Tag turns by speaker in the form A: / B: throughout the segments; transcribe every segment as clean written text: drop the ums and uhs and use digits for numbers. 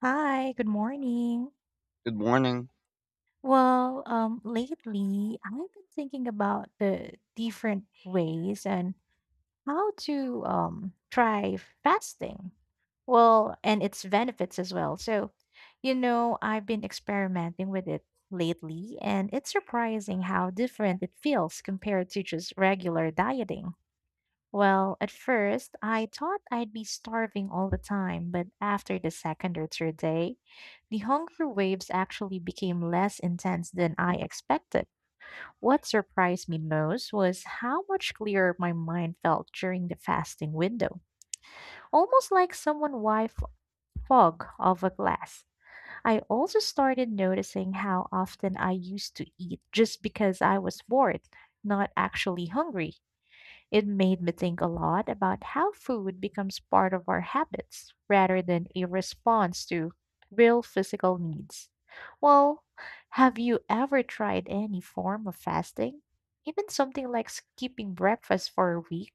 A: Hi, good morning.
B: Good morning.
A: Well, lately I've been thinking about the different ways and how to try fasting. Well, and its benefits as well. So, you know, I've been experimenting with it lately, and it's surprising how different it feels compared to just regular dieting. Well, at first, I thought I'd be starving all the time, but after the second or third day, the hunger waves actually became less intense than I expected. What surprised me most was how much clearer my mind felt during the fasting window, almost like someone wiped fog off a glass. I also started noticing how often I used to eat just because I was bored, not actually hungry. It made me think a lot about how food becomes part of our habits rather than a response to real physical needs. Well, have you ever tried any form of fasting? Even something like skipping breakfast for a week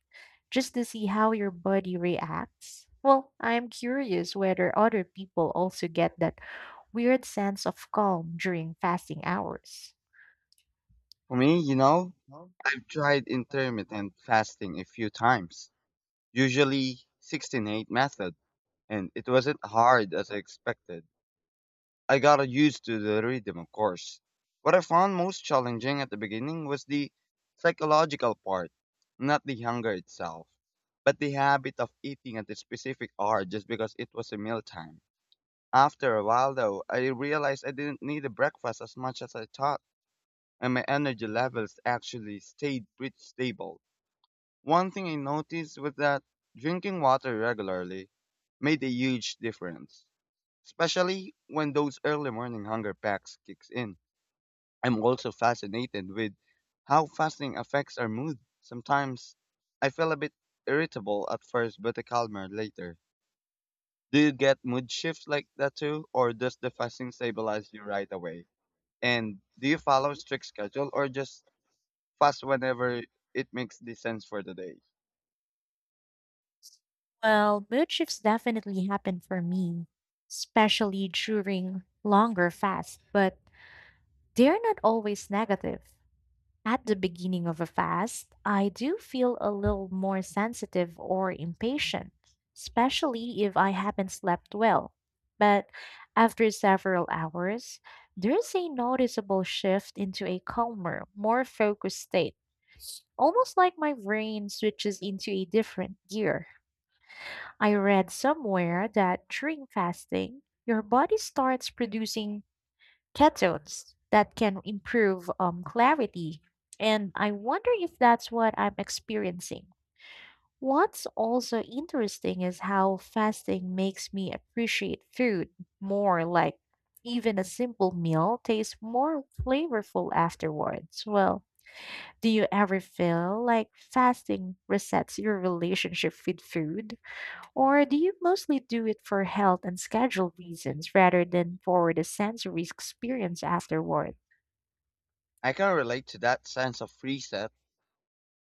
A: just to see how your body reacts? Well, I am curious whether other people also get that weird sense of calm during fasting hours.
B: For me, I've tried intermittent fasting a few times, usually 16:8 method, and it wasn't hard as I expected. I got used to the rhythm, of course. What I found most challenging at the beginning was the psychological part, not the hunger itself, but the habit of eating at a specific hour just because it was a mealtime. After a while, though, I realized I didn't need a breakfast as much as I thought. And my energy levels actually stayed pretty stable. One thing I noticed was that drinking water regularly made a huge difference, especially when those early morning hunger packs kicks in. I'm also fascinated with how fasting affects our mood. Sometimes I feel a bit irritable at first but a calmer later. Do you get mood shifts like that too or does the fasting stabilize you right away? And do you follow a strict schedule or just fast whenever it makes the sense for the day.
A: Well, mood shifts definitely happen for me, especially during longer fasts, but they're not always negative. At the beginning of a fast, I do feel a little more sensitive or impatient, especially if I haven't slept well. But after several hours, there's a noticeable shift into a calmer, more focused state, almost like my brain switches into a different gear. I read somewhere that during fasting, your body starts producing ketones that can improve clarity. And I wonder if that's what I'm experiencing. What's also interesting is how fasting makes me appreciate food more, like even a simple meal tastes more flavorful afterwards. Well, do you ever feel like fasting resets your relationship with food? Or do you mostly do it for health and schedule reasons rather than for the sensory experience afterward?
B: I can relate to that sense of reset.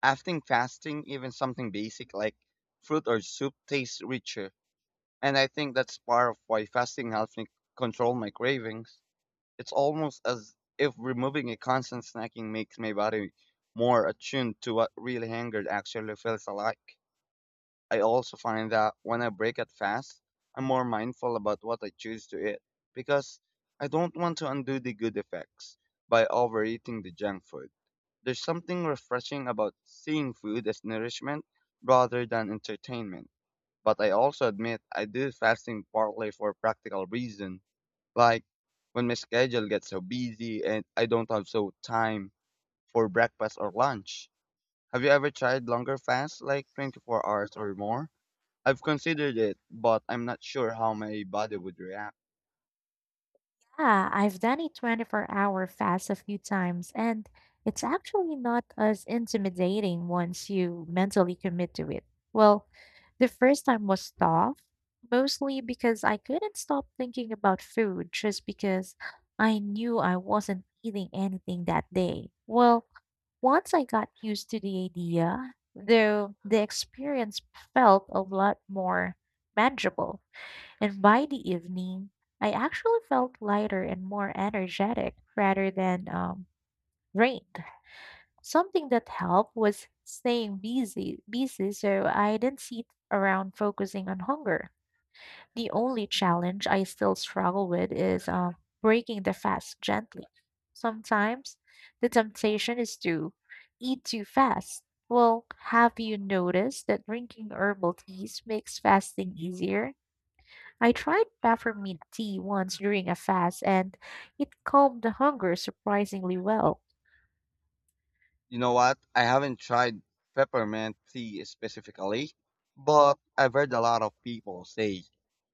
B: After fasting, even something basic like fruit or soup tastes richer. And I think that's part of why fasting helps me control my cravings. It's almost as if removing a constant snacking makes my body more attuned to what really hunger actually feels like. I also find that when I break it fast, I'm more mindful about what I choose to eat because I don't want to undo the good effects by overeating the junk food. There's something refreshing about seeing food as nourishment rather than entertainment. But I also admit I do fasting partly for practical reason, like when my schedule gets so busy and I don't have so time for breakfast or lunch. Have you ever tried longer fasts like 24 hours or more? I've considered it, but I'm not sure how my body would react.
A: Ah, I've done a 24-hour hour fast a few times, and it's actually not as intimidating once you mentally commit to it. Well, the first time was tough, mostly because I couldn't stop thinking about food just because I knew I wasn't eating anything that day. Well, once I got used to the idea, though, the experience felt a lot more manageable, and by the evening, I actually felt lighter and more energetic rather than drained. Something that helped was staying busy, busy, so I didn't sit around focusing on hunger. The only challenge I still struggle with is breaking the fast gently. Sometimes the temptation is to eat too fast. Well, have you noticed that drinking herbal teas makes fasting easier? I tried peppermint tea once during a fast and it calmed the hunger surprisingly well.
B: You know what? I haven't tried peppermint tea specifically, but I've heard a lot of people say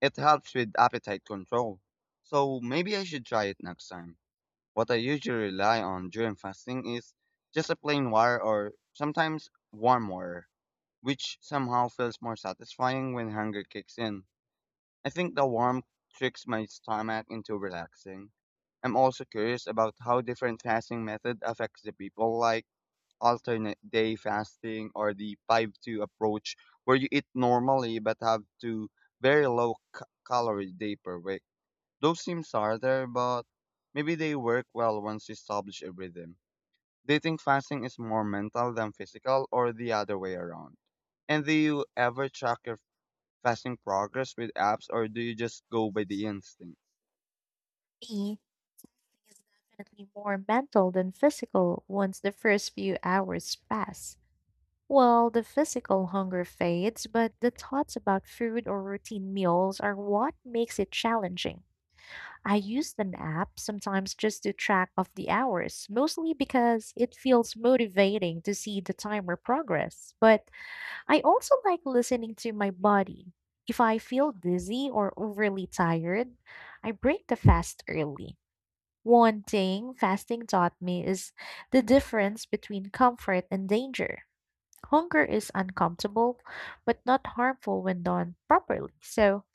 B: it helps with appetite control. So maybe I should try it next time. What I usually rely on during fasting is just a plain water or sometimes warm water, which somehow feels more satisfying when hunger kicks in. I think the warmth tricks my stomach into relaxing. I'm also curious about how different fasting method affects the people, like alternate day fasting or the 5-2 approach, where you eat normally but have two very low calorie day per week. Those seems harder, but maybe they work well once you establish a rhythm. Do you think fasting is more mental than physical, or the other way around? And do you ever track your fasting progress with apps or do you just go by the instinct?
A: Me is definitely more mental than physical once the first few hours pass. Well, the physical hunger fades, but the thoughts about food or routine meals are what makes it challenging. I use an app sometimes just to track off the hours, mostly because it feels motivating to see the timer progress. But I also like listening to my body. If I feel dizzy or overly tired, I break the fast early. One thing fasting taught me is the difference between comfort and danger. Hunger is uncomfortable, but not harmful when done properly. So,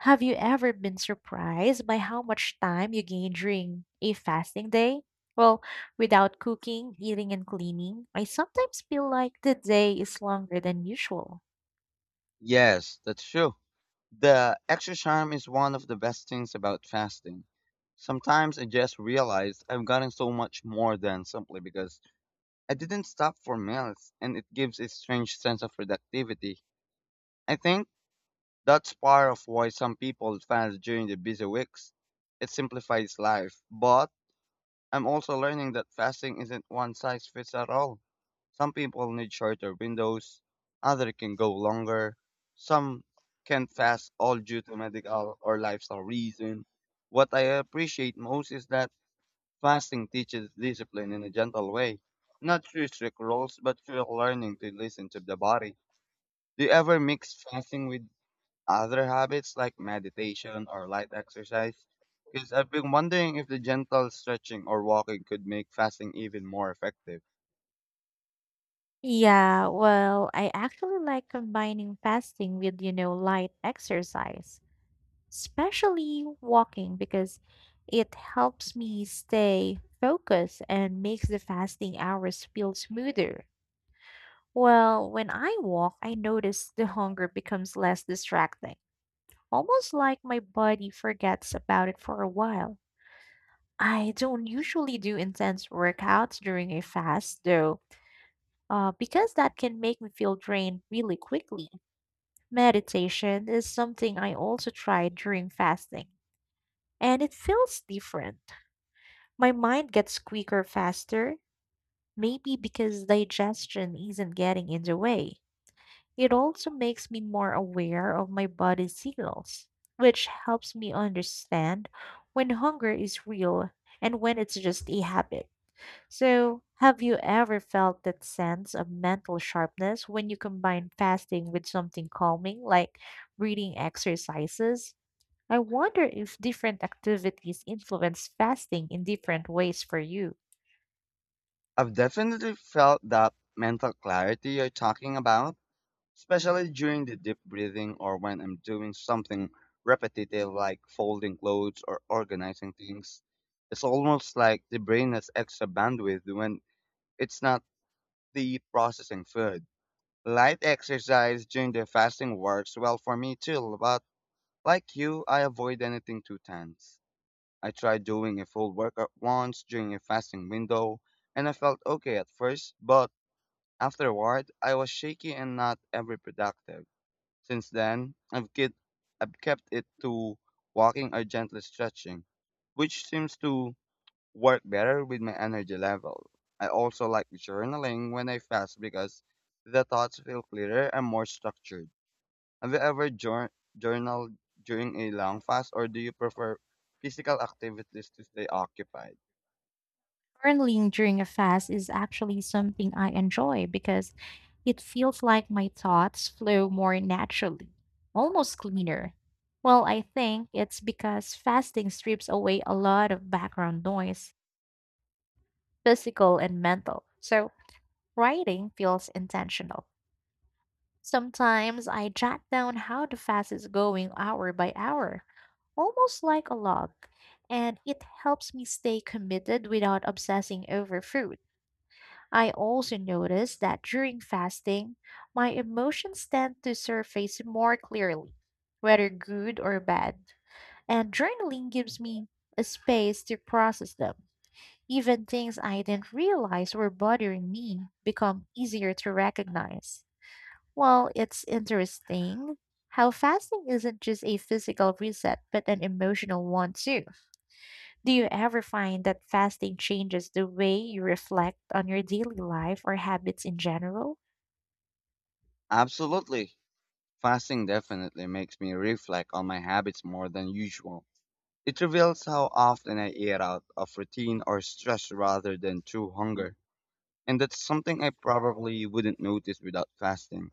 A: have you ever been surprised by how much time you gain during a fasting day? Well, without cooking, eating, and cleaning, I sometimes feel like the day is longer than usual.
B: Yes, that's true. The extra charm is one of the best things about fasting. Sometimes I just realized I've gotten so much more than simply because I didn't stop for meals and it gives a strange sense of productivity. I think that's part of why some people fast during the busy weeks. It simplifies life, but I'm also learning that fasting isn't one size fits at all. Some people need shorter windows, others can go longer, some can fast all due to medical or lifestyle reason. What I appreciate most is that fasting teaches discipline in a gentle way, not through strict rules, but through learning to listen to the body. Do you ever mix fasting with other habits like meditation or light exercise? Because I've been wondering if the gentle stretching or walking could make fasting even more effective.
A: Yeah, well, I actually like combining fasting with, you know, light exercise, especially walking because it helps me stay focused and makes the fasting hours feel smoother. Well, when I walk, I notice the hunger becomes less distracting, almost like my body forgets about it for a while. I don't usually do intense workouts during a fast, though, because that can make me feel drained really quickly. Meditation is something I also try during fasting, and it feels different. My mind gets quicker faster, maybe because digestion isn't getting in the way. It also makes me more aware of my body's signals, which helps me understand when hunger is real and when it's just a habit. So, have you ever felt that sense of mental sharpness when you combine fasting with something calming like breathing exercises? I wonder if different activities influence fasting in different ways for you.
B: I've definitely felt that mental clarity you're talking about, especially during the deep breathing or when I'm doing something repetitive like folding clothes or organizing things. It's almost like the brain has extra bandwidth when it's not the processing food. Light exercise during the fasting works well for me too, but like you, I avoid anything too tense. I tried doing a full workout once during a fasting window, and I felt okay at first, but afterward, I was shaky and not ever productive. Since then, I've kept it to walking or gently stretching, which seems to work better with my energy level. I also like journaling when I fast because the thoughts feel clearer and more structured. Have you ever journaled during a long fast, or do you prefer physical activities to stay occupied?
A: Journaling during a fast is actually something I enjoy because it feels like my thoughts flow more naturally, almost cleaner. Well, I think it's because fasting strips away a lot of background noise, physical and mental. So writing feels intentional. Sometimes I jot down how the fast is going hour by hour, almost like a log, and it helps me stay committed without obsessing over food. I also noticed that during fasting, my emotions tend to surface more clearly, whether good or bad. And journaling gives me a space to process them. Even things I didn't realize were bothering me become easier to recognize. Well, it's interesting how fasting isn't just a physical reset, but an emotional one too. Do you ever find that fasting changes the way you reflect on your daily life or habits in general?
B: Absolutely. Fasting definitely makes me reflect on my habits more than usual. It reveals how often I eat out of routine or stress rather than true hunger. And that's something I probably wouldn't notice without fasting.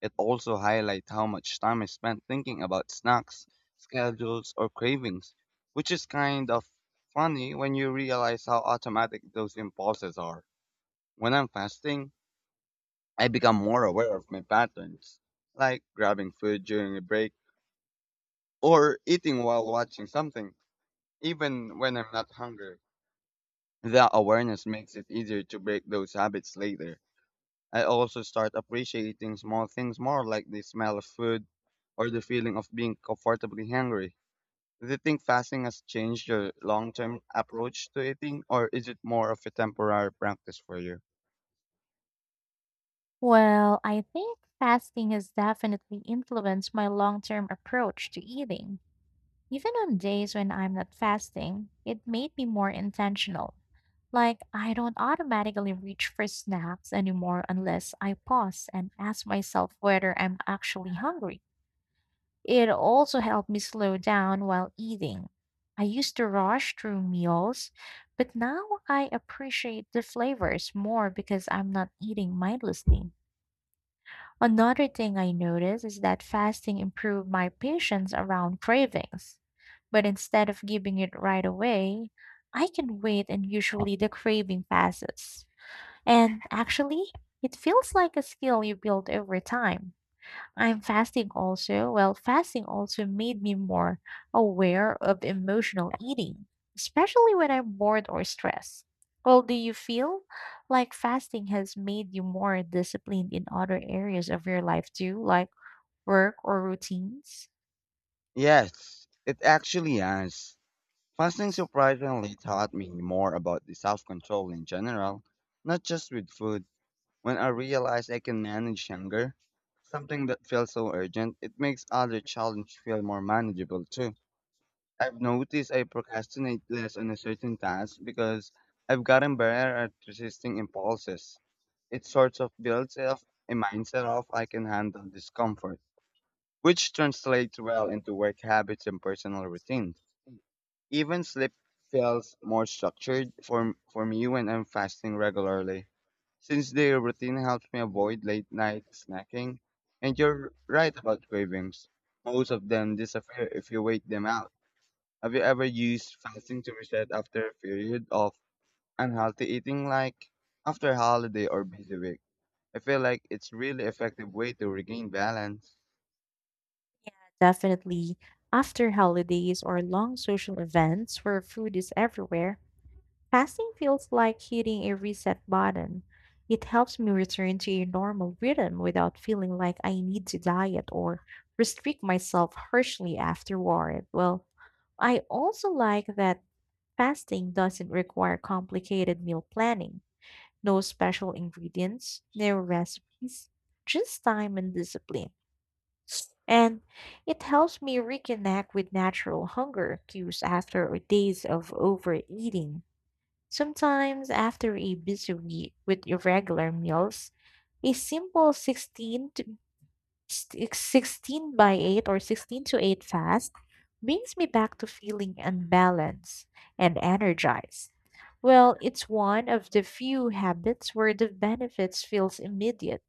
B: It also highlights how much time I spent thinking about snacks, schedules, or cravings, which is kind of funny when you realize how automatic those impulses are. When I'm fasting, I become more aware of my patterns, like grabbing food during a break or eating while watching something, even when I'm not hungry. That awareness makes it easier to break those habits later. I also start appreciating small things more like the smell of food or the feeling of being comfortably hungry. Do you think fasting has changed your long term approach to eating, or is it more of a temporary practice for you?
A: Well, I think fasting has definitely influenced my long term approach to eating. Even on days when I'm not fasting, it made me more intentional. Like, I don't automatically reach for snacks anymore unless I pause and ask myself whether I'm actually hungry. It also helped me slow down while eating. I used to rush through meals, but now I appreciate the flavors more because I'm not eating mindlessly. Another thing I noticed is that fasting improved my patience around cravings. But instead of giving it right away, I can wait and usually the craving passes. And actually, it feels like a skill you build over time. I'm fasting also. Well, fasting also made me more aware of emotional eating, especially when I'm bored or stressed. Well, do you feel like fasting has made you more disciplined in other areas of your life too, like work or routines?
B: Yes, it actually has. Fasting surprisingly taught me more about the self control in general, not just with food. When I realized I can manage hunger, something that feels so urgent, it makes other challenges feel more manageable too. I've noticed I procrastinate less on a certain task because I've gotten better at resisting impulses. It sort of builds up a mindset of I can handle discomfort, which translates well into work habits and personal routines. Even sleep feels more structured for me when I'm fasting regularly, since the routine helps me avoid late night snacking. And you're right about cravings. Most of them disappear if you wait them out. Have you ever used fasting to reset after a period of unhealthy eating, like after a holiday or busy week? I feel like it's really effective way to regain balance.
A: Definitely. After holidays or long social events where food is everywhere, fasting feels like hitting a reset button. It helps me return to a normal rhythm without feeling like I need to diet or restrict myself harshly afterward. Well, I also like that fasting doesn't require complicated meal planning, no special ingredients, no recipes, just time and discipline. And it helps me reconnect with natural hunger cues after days of overeating. Sometimes, after a busy week with irregular meals, a simple 16 by 8 or 16 to 8 fast brings me back to feeling unbalanced and energized. Well, it's one of the few habits where the benefits feels immediate.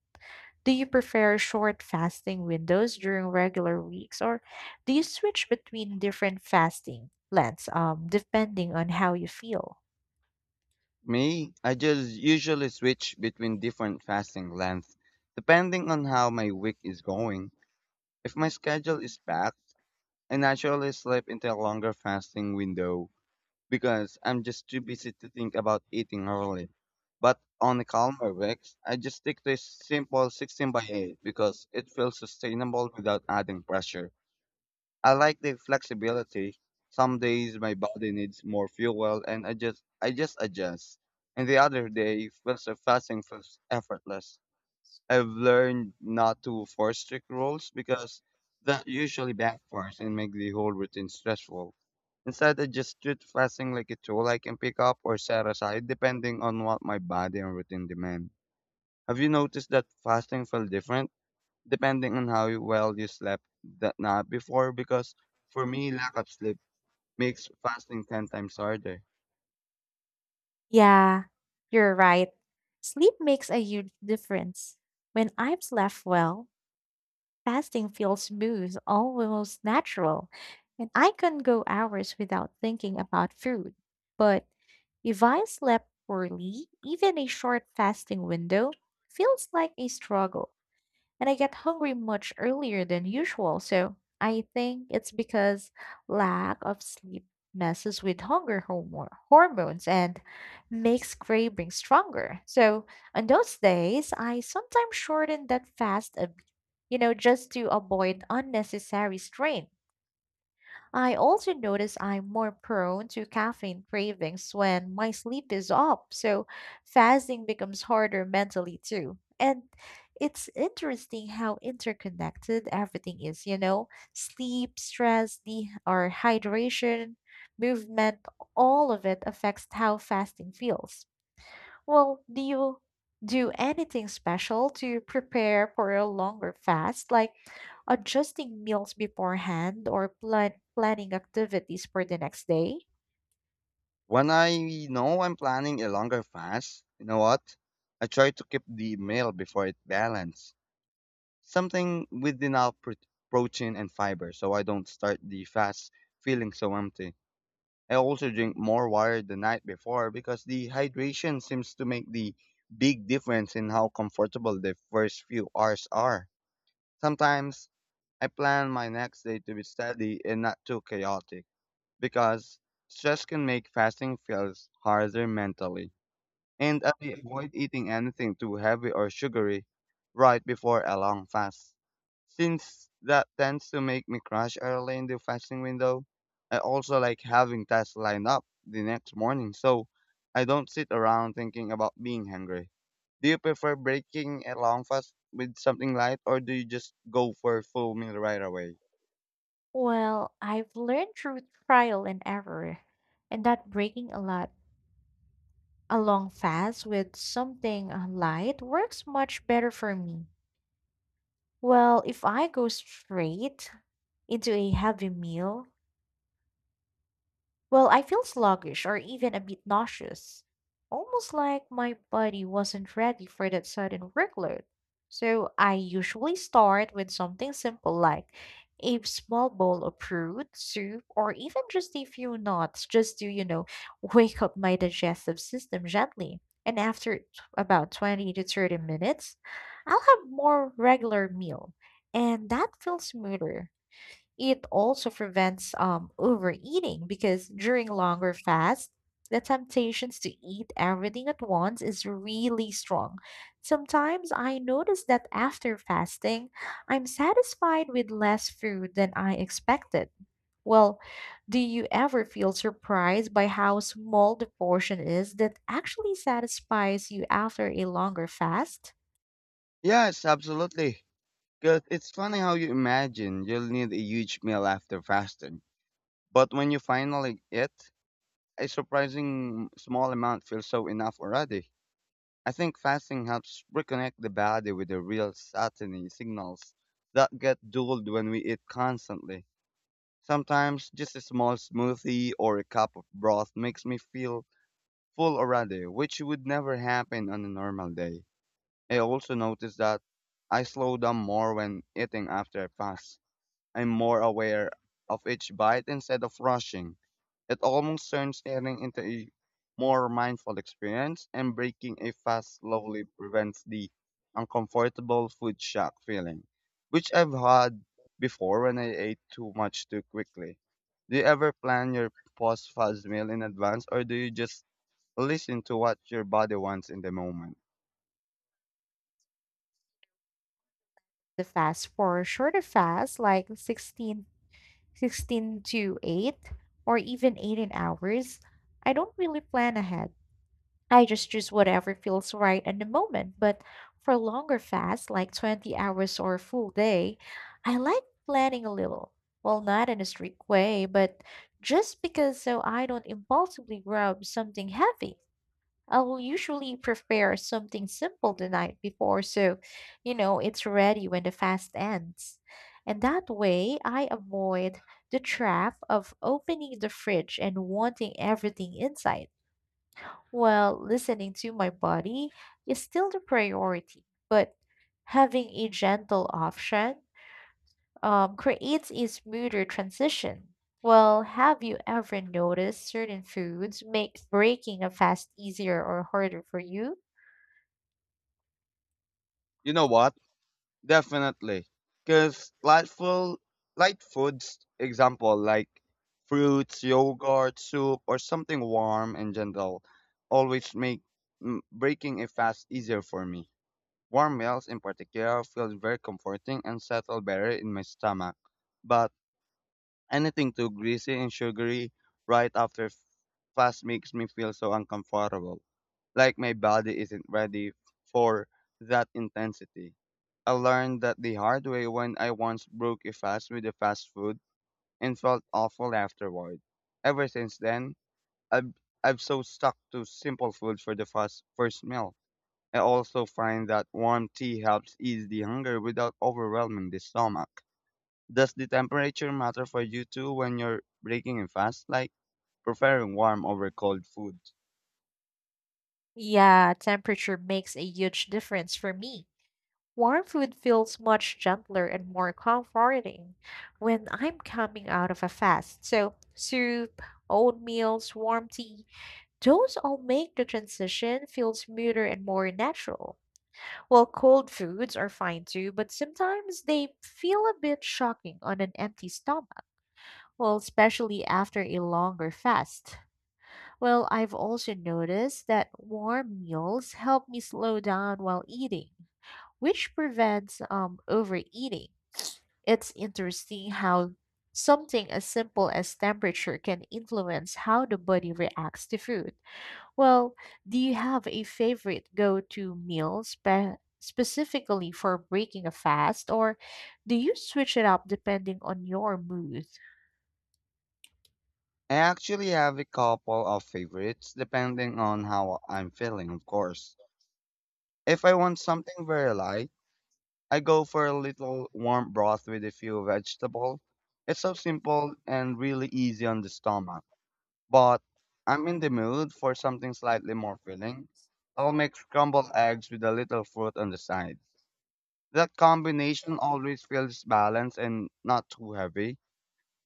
A: Do you prefer short fasting windows during regular weeks or do you switch between different fasting plans depending on how you feel?
B: Me, I just usually switch between different fasting lengths depending on how my week is going. If my schedule is packed, I naturally slip into a longer fasting window because I'm just too busy to think about eating early. But on the calmer weeks, I just stick to a simple 16 by 8 because it feels sustainable without adding pressure. I like the flexibility. Some days my body needs more fuel and I just adjust. And the other day feels the fasting feels effortless. I've learned not to force strict rules because that usually backfires and makes the whole routine stressful. Instead, I just treat fasting like a tool I can pick up or set aside depending on what my body and routine demand. Have you noticed that fasting felt different depending on how well you slept that night before? Because for me, lack of sleep makes fasting 10 times harder.
A: Yeah, you're right. Sleep makes a huge difference. When I've slept well, fasting feels smooth, almost natural, and I can go hours without thinking about food. But if I slept poorly, even a short fasting window feels like a struggle and I get hungry much earlier than usual. So I think it's because lack of sleep messes with hunger hormones and makes craving stronger. So on those days, I sometimes shorten that fast a bit, you know, just to avoid unnecessary strain. I also notice I'm more prone to caffeine cravings when my sleep is up, so fasting becomes harder mentally too. And it's interesting how interconnected everything is, you know? Sleep, stress, the or hydration, movement, all of it affects how fasting feels. Well, do you do anything special to prepare for a longer fast, like adjusting meals beforehand or planning activities for the next day?
B: When I know I'm planning a longer fast, you know what? I try to keep the meal before it balance something with enough protein and fiber so I don't start the fast feeling so empty. I also drink more water the night before because the hydration seems to make the big difference in how comfortable the first few hours are. Sometimes I plan my next day to be steady and not too chaotic because stress can make fasting feels harder mentally and I avoid eating anything too heavy or sugary right before a long fast. Since that tends to make me crash early in the fasting window, I also like having tasks lined up the next morning so I don't sit around thinking about being hungry. Do you prefer breaking a long fast with something light or do you just go for a full meal right away?
A: Well, I've learned through trial and error, and that breaking a long fast with something light works much better for me. Well, if I go straight into a heavy meal, well, I feel sluggish or even a bit nauseous, almost like my body wasn't ready for that sudden workload. So I usually start with something simple like a small bowl of fruit, soup, or even just a few nuts just to, you know, wake up my digestive system gently. And after about 20 to 30 minutes, I'll have more regular meal, and that feels smoother. It also prevents overeating because during longer fasts, the temptations to eat everything at once is really strong. Sometimes I notice that after fasting, I'm satisfied with less food than I expected. Well, do you ever feel surprised by how small the portion is that actually satisfies you after a longer fast?
B: Yes, absolutely. Because it's funny how you imagine you'll need a huge meal after fasting. But when you finally eat, a surprising small amount feels so enough already. I think fasting helps reconnect the body with the real satiety signals that get dulled when we eat constantly. Sometimes just a small smoothie or a cup of broth makes me feel full already, which would never happen on a normal day. I also notice that I slow down more when eating after I fast. I'm more aware of each bite instead of rushing. It almost turns eating into a more mindful experience, and breaking a fast slowly prevents the uncomfortable food shock feeling, which I've had before when I ate too much too quickly. Do you ever plan your post fast meal in advance, or do you just listen to what your body wants in the moment?
A: The fast for a shorter fast, like 16 to 8 or even 18 hours, I don't really plan ahead. I just choose whatever feels right in the moment. But for longer fasts, like 20 hours or a full day, I like planning a little. Well, not in a strict way, but just because so I don't impulsively grab something heavy. I'll usually prepare something simple the night before so, it's ready when the fast ends. And that way, I avoid the trap of opening the fridge and wanting everything inside. While listening to my body is still the priority, but having a gentle option creates a smoother transition. Well, have you ever noticed certain foods make breaking a fast easier or harder for you?
B: You know what? Definitely. Because lightful, light foods, example like fruits, yogurt, soup, or something warm and gentle, always make breaking a fast easier for me. Warm meals in particular feel very comforting and settle better in my stomach. But anything too greasy and sugary right after fast makes me feel so uncomfortable, like my body isn't ready for that intensity. I learned that the hard way when I once broke a fast with a fast food and felt awful afterward. Ever since then, I've I've so stuck to simple food for the first meal. I also find that warm tea helps ease the hunger without overwhelming the stomach. Does the temperature matter for you too when you're breaking a fast, like preferring warm over cold food?
A: Yeah, temperature makes a huge difference for me. Warm food feels much gentler and more comforting when I'm coming out of a fast. So, soup, oatmeals, warm tea, those all make the transition feel smoother and more natural. Well, cold foods are fine too, but sometimes they feel a bit shocking on an empty stomach. Well, especially after a longer fast. Well, I've also noticed that warm meals help me slow down while eating, which prevents overeating. It's interesting how something as simple as temperature can influence how the body reacts to food. Well, do you have a favorite go to meal specifically for breaking a fast, or do you switch it up depending on your mood?
B: I actually have a couple of favorites depending on how I'm feeling, of course. If I want something very light, I go for a little warm broth with a few vegetables. It's so simple and really easy on the stomach. But I'm in the mood for something slightly more filling. I'll make scrambled eggs with a little fruit on the side. That combination always feels balanced and not too heavy.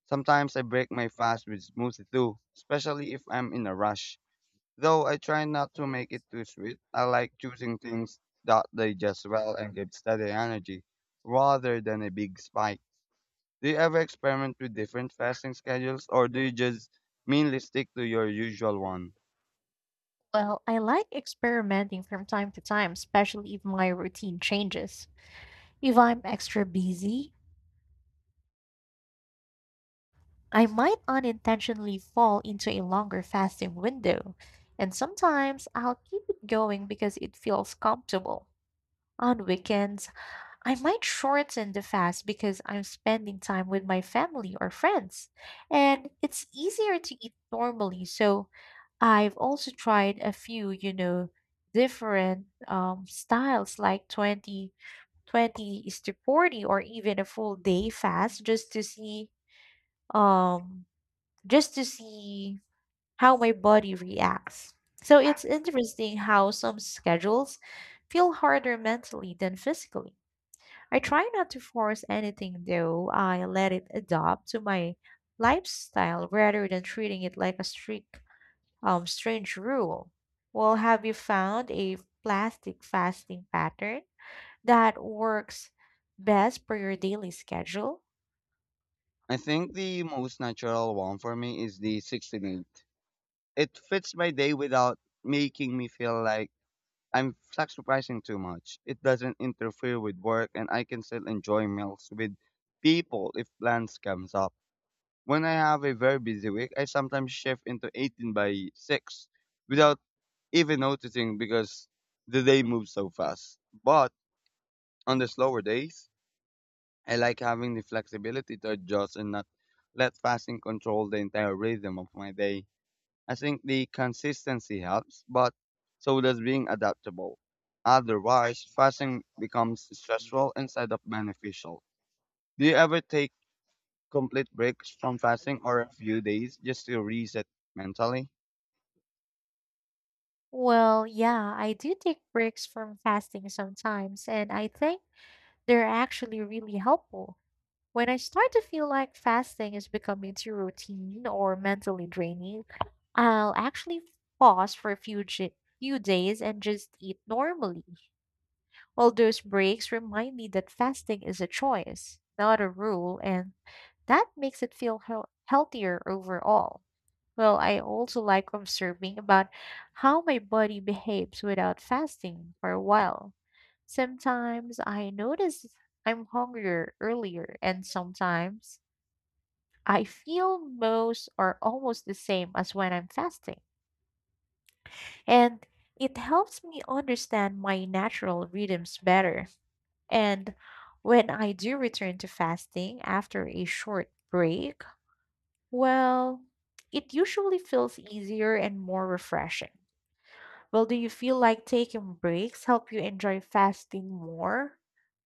B: Sometimes I break my fast with smoothie too, especially if I'm in a rush. Though I try not to make it too sweet, I like choosing things that digest well and give steady energy, rather than a big spike. Do you ever experiment with different fasting schedules, or do you just mainly stick to your usual one?
A: Well, I like experimenting from time to time, especially if my routine changes. If I'm extra busy, I might unintentionally fall into a longer fasting window, and sometimes I'll keep it going because it feels comfortable. On weekends, I might shorten the fast because I'm spending time with my family or friends, and it's easier to eat normally, so I've also tried a few, you know, different styles like 20, 20 is to 40 or even a full day fast um just to see how my body reacts. So it's interesting how some schedules feel harder mentally than physically. I try not to force anything though. I let it adapt to my lifestyle rather than treating it like a strict strange rule. Well, have you found a plastic fasting pattern that works best for your daily schedule?
B: I think the most natural one for me is the 16 eight. It fits my day without making me feel like I'm sacrificing too much. It doesn't interfere with work and I can still enjoy meals with people if plans comes up. When I have a very busy week, I sometimes shift into 18 by 6 without even noticing because the day moves so fast. But on the slower days, I like having the flexibility to adjust and not let fasting control the entire rhythm of my day. I think the consistency helps, but so does being adaptable. Otherwise, fasting becomes stressful instead of beneficial. Do you ever take complete breaks from fasting or a few days just to reset mentally?
A: Well, yeah, I do take breaks from fasting sometimes, and I think they're actually really helpful. When I start to feel like fasting is becoming too routine or mentally draining, I'll actually pause for a few, few days and just eat normally. Well, those breaks remind me that fasting is a choice, not a rule, and that makes it feel healthier overall. Well, I also like observing about how my body behaves without fasting for a while. Sometimes I notice I'm hungrier earlier, and sometimes I feel most or almost the same as when I'm fasting. And it helps me understand my natural rhythms better. And when I do return to fasting after a short break, well, it usually feels easier and more refreshing. Well, do you feel like taking breaks help you enjoy fasting more,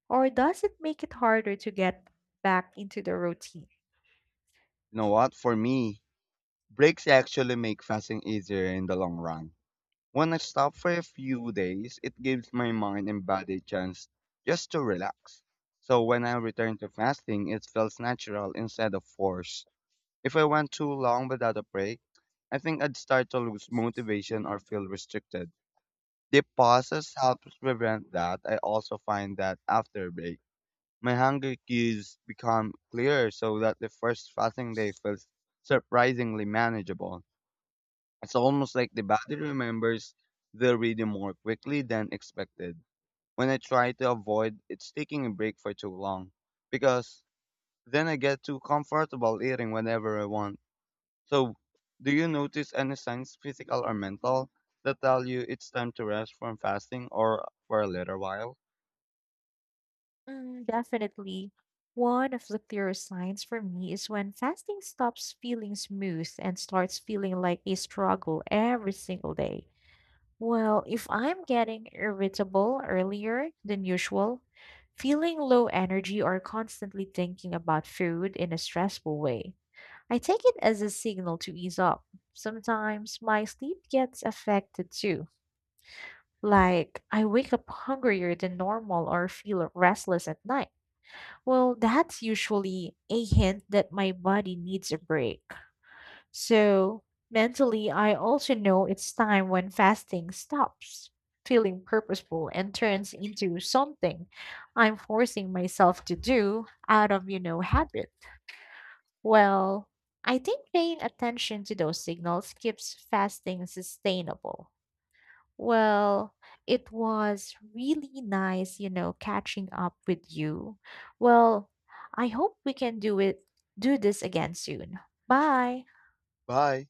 A: or does it make it harder to get back into the routine?
B: You know what? For me, breaks actually make fasting easier in the long run. When I stop for a few days, it gives my mind and body a chance just to relax. So when I return to fasting, it feels natural instead of forced. If I went too long without a break, I think I'd start to lose motivation or feel restricted. Deep pauses helps prevent that. I also find that after a break, my hunger cues become clearer so that the first fasting day feels surprisingly manageable. It's almost like the body remembers the rhythm more quickly than expected. When I try to avoid it's taking a break for too long, because then I get too comfortable eating whenever I want. So, do you notice any signs, physical or mental, that tell you it's time to rest from fasting or for a little while?
A: Mm, definitely. One of the clearer signs for me is when fasting stops feeling smooth and starts feeling like a struggle every single day. Well, if I'm getting irritable earlier than usual, feeling low energy, or constantly thinking about food in a stressful way, I take it as a signal to ease up. Sometimes my sleep gets affected too. Like, I wake up hungrier than normal or feel restless at night. Well, that's usually a hint that my body needs a break. So, mentally, I also know it's time when fasting stops feeling purposeful and turns into something I'm forcing myself to do out of, you know, habit. Well, I think paying attention to those signals keeps fasting sustainable. Well, it was really nice, you know, catching up with you. Well, I hope we can do it do this again soon. Bye.
B: Bye.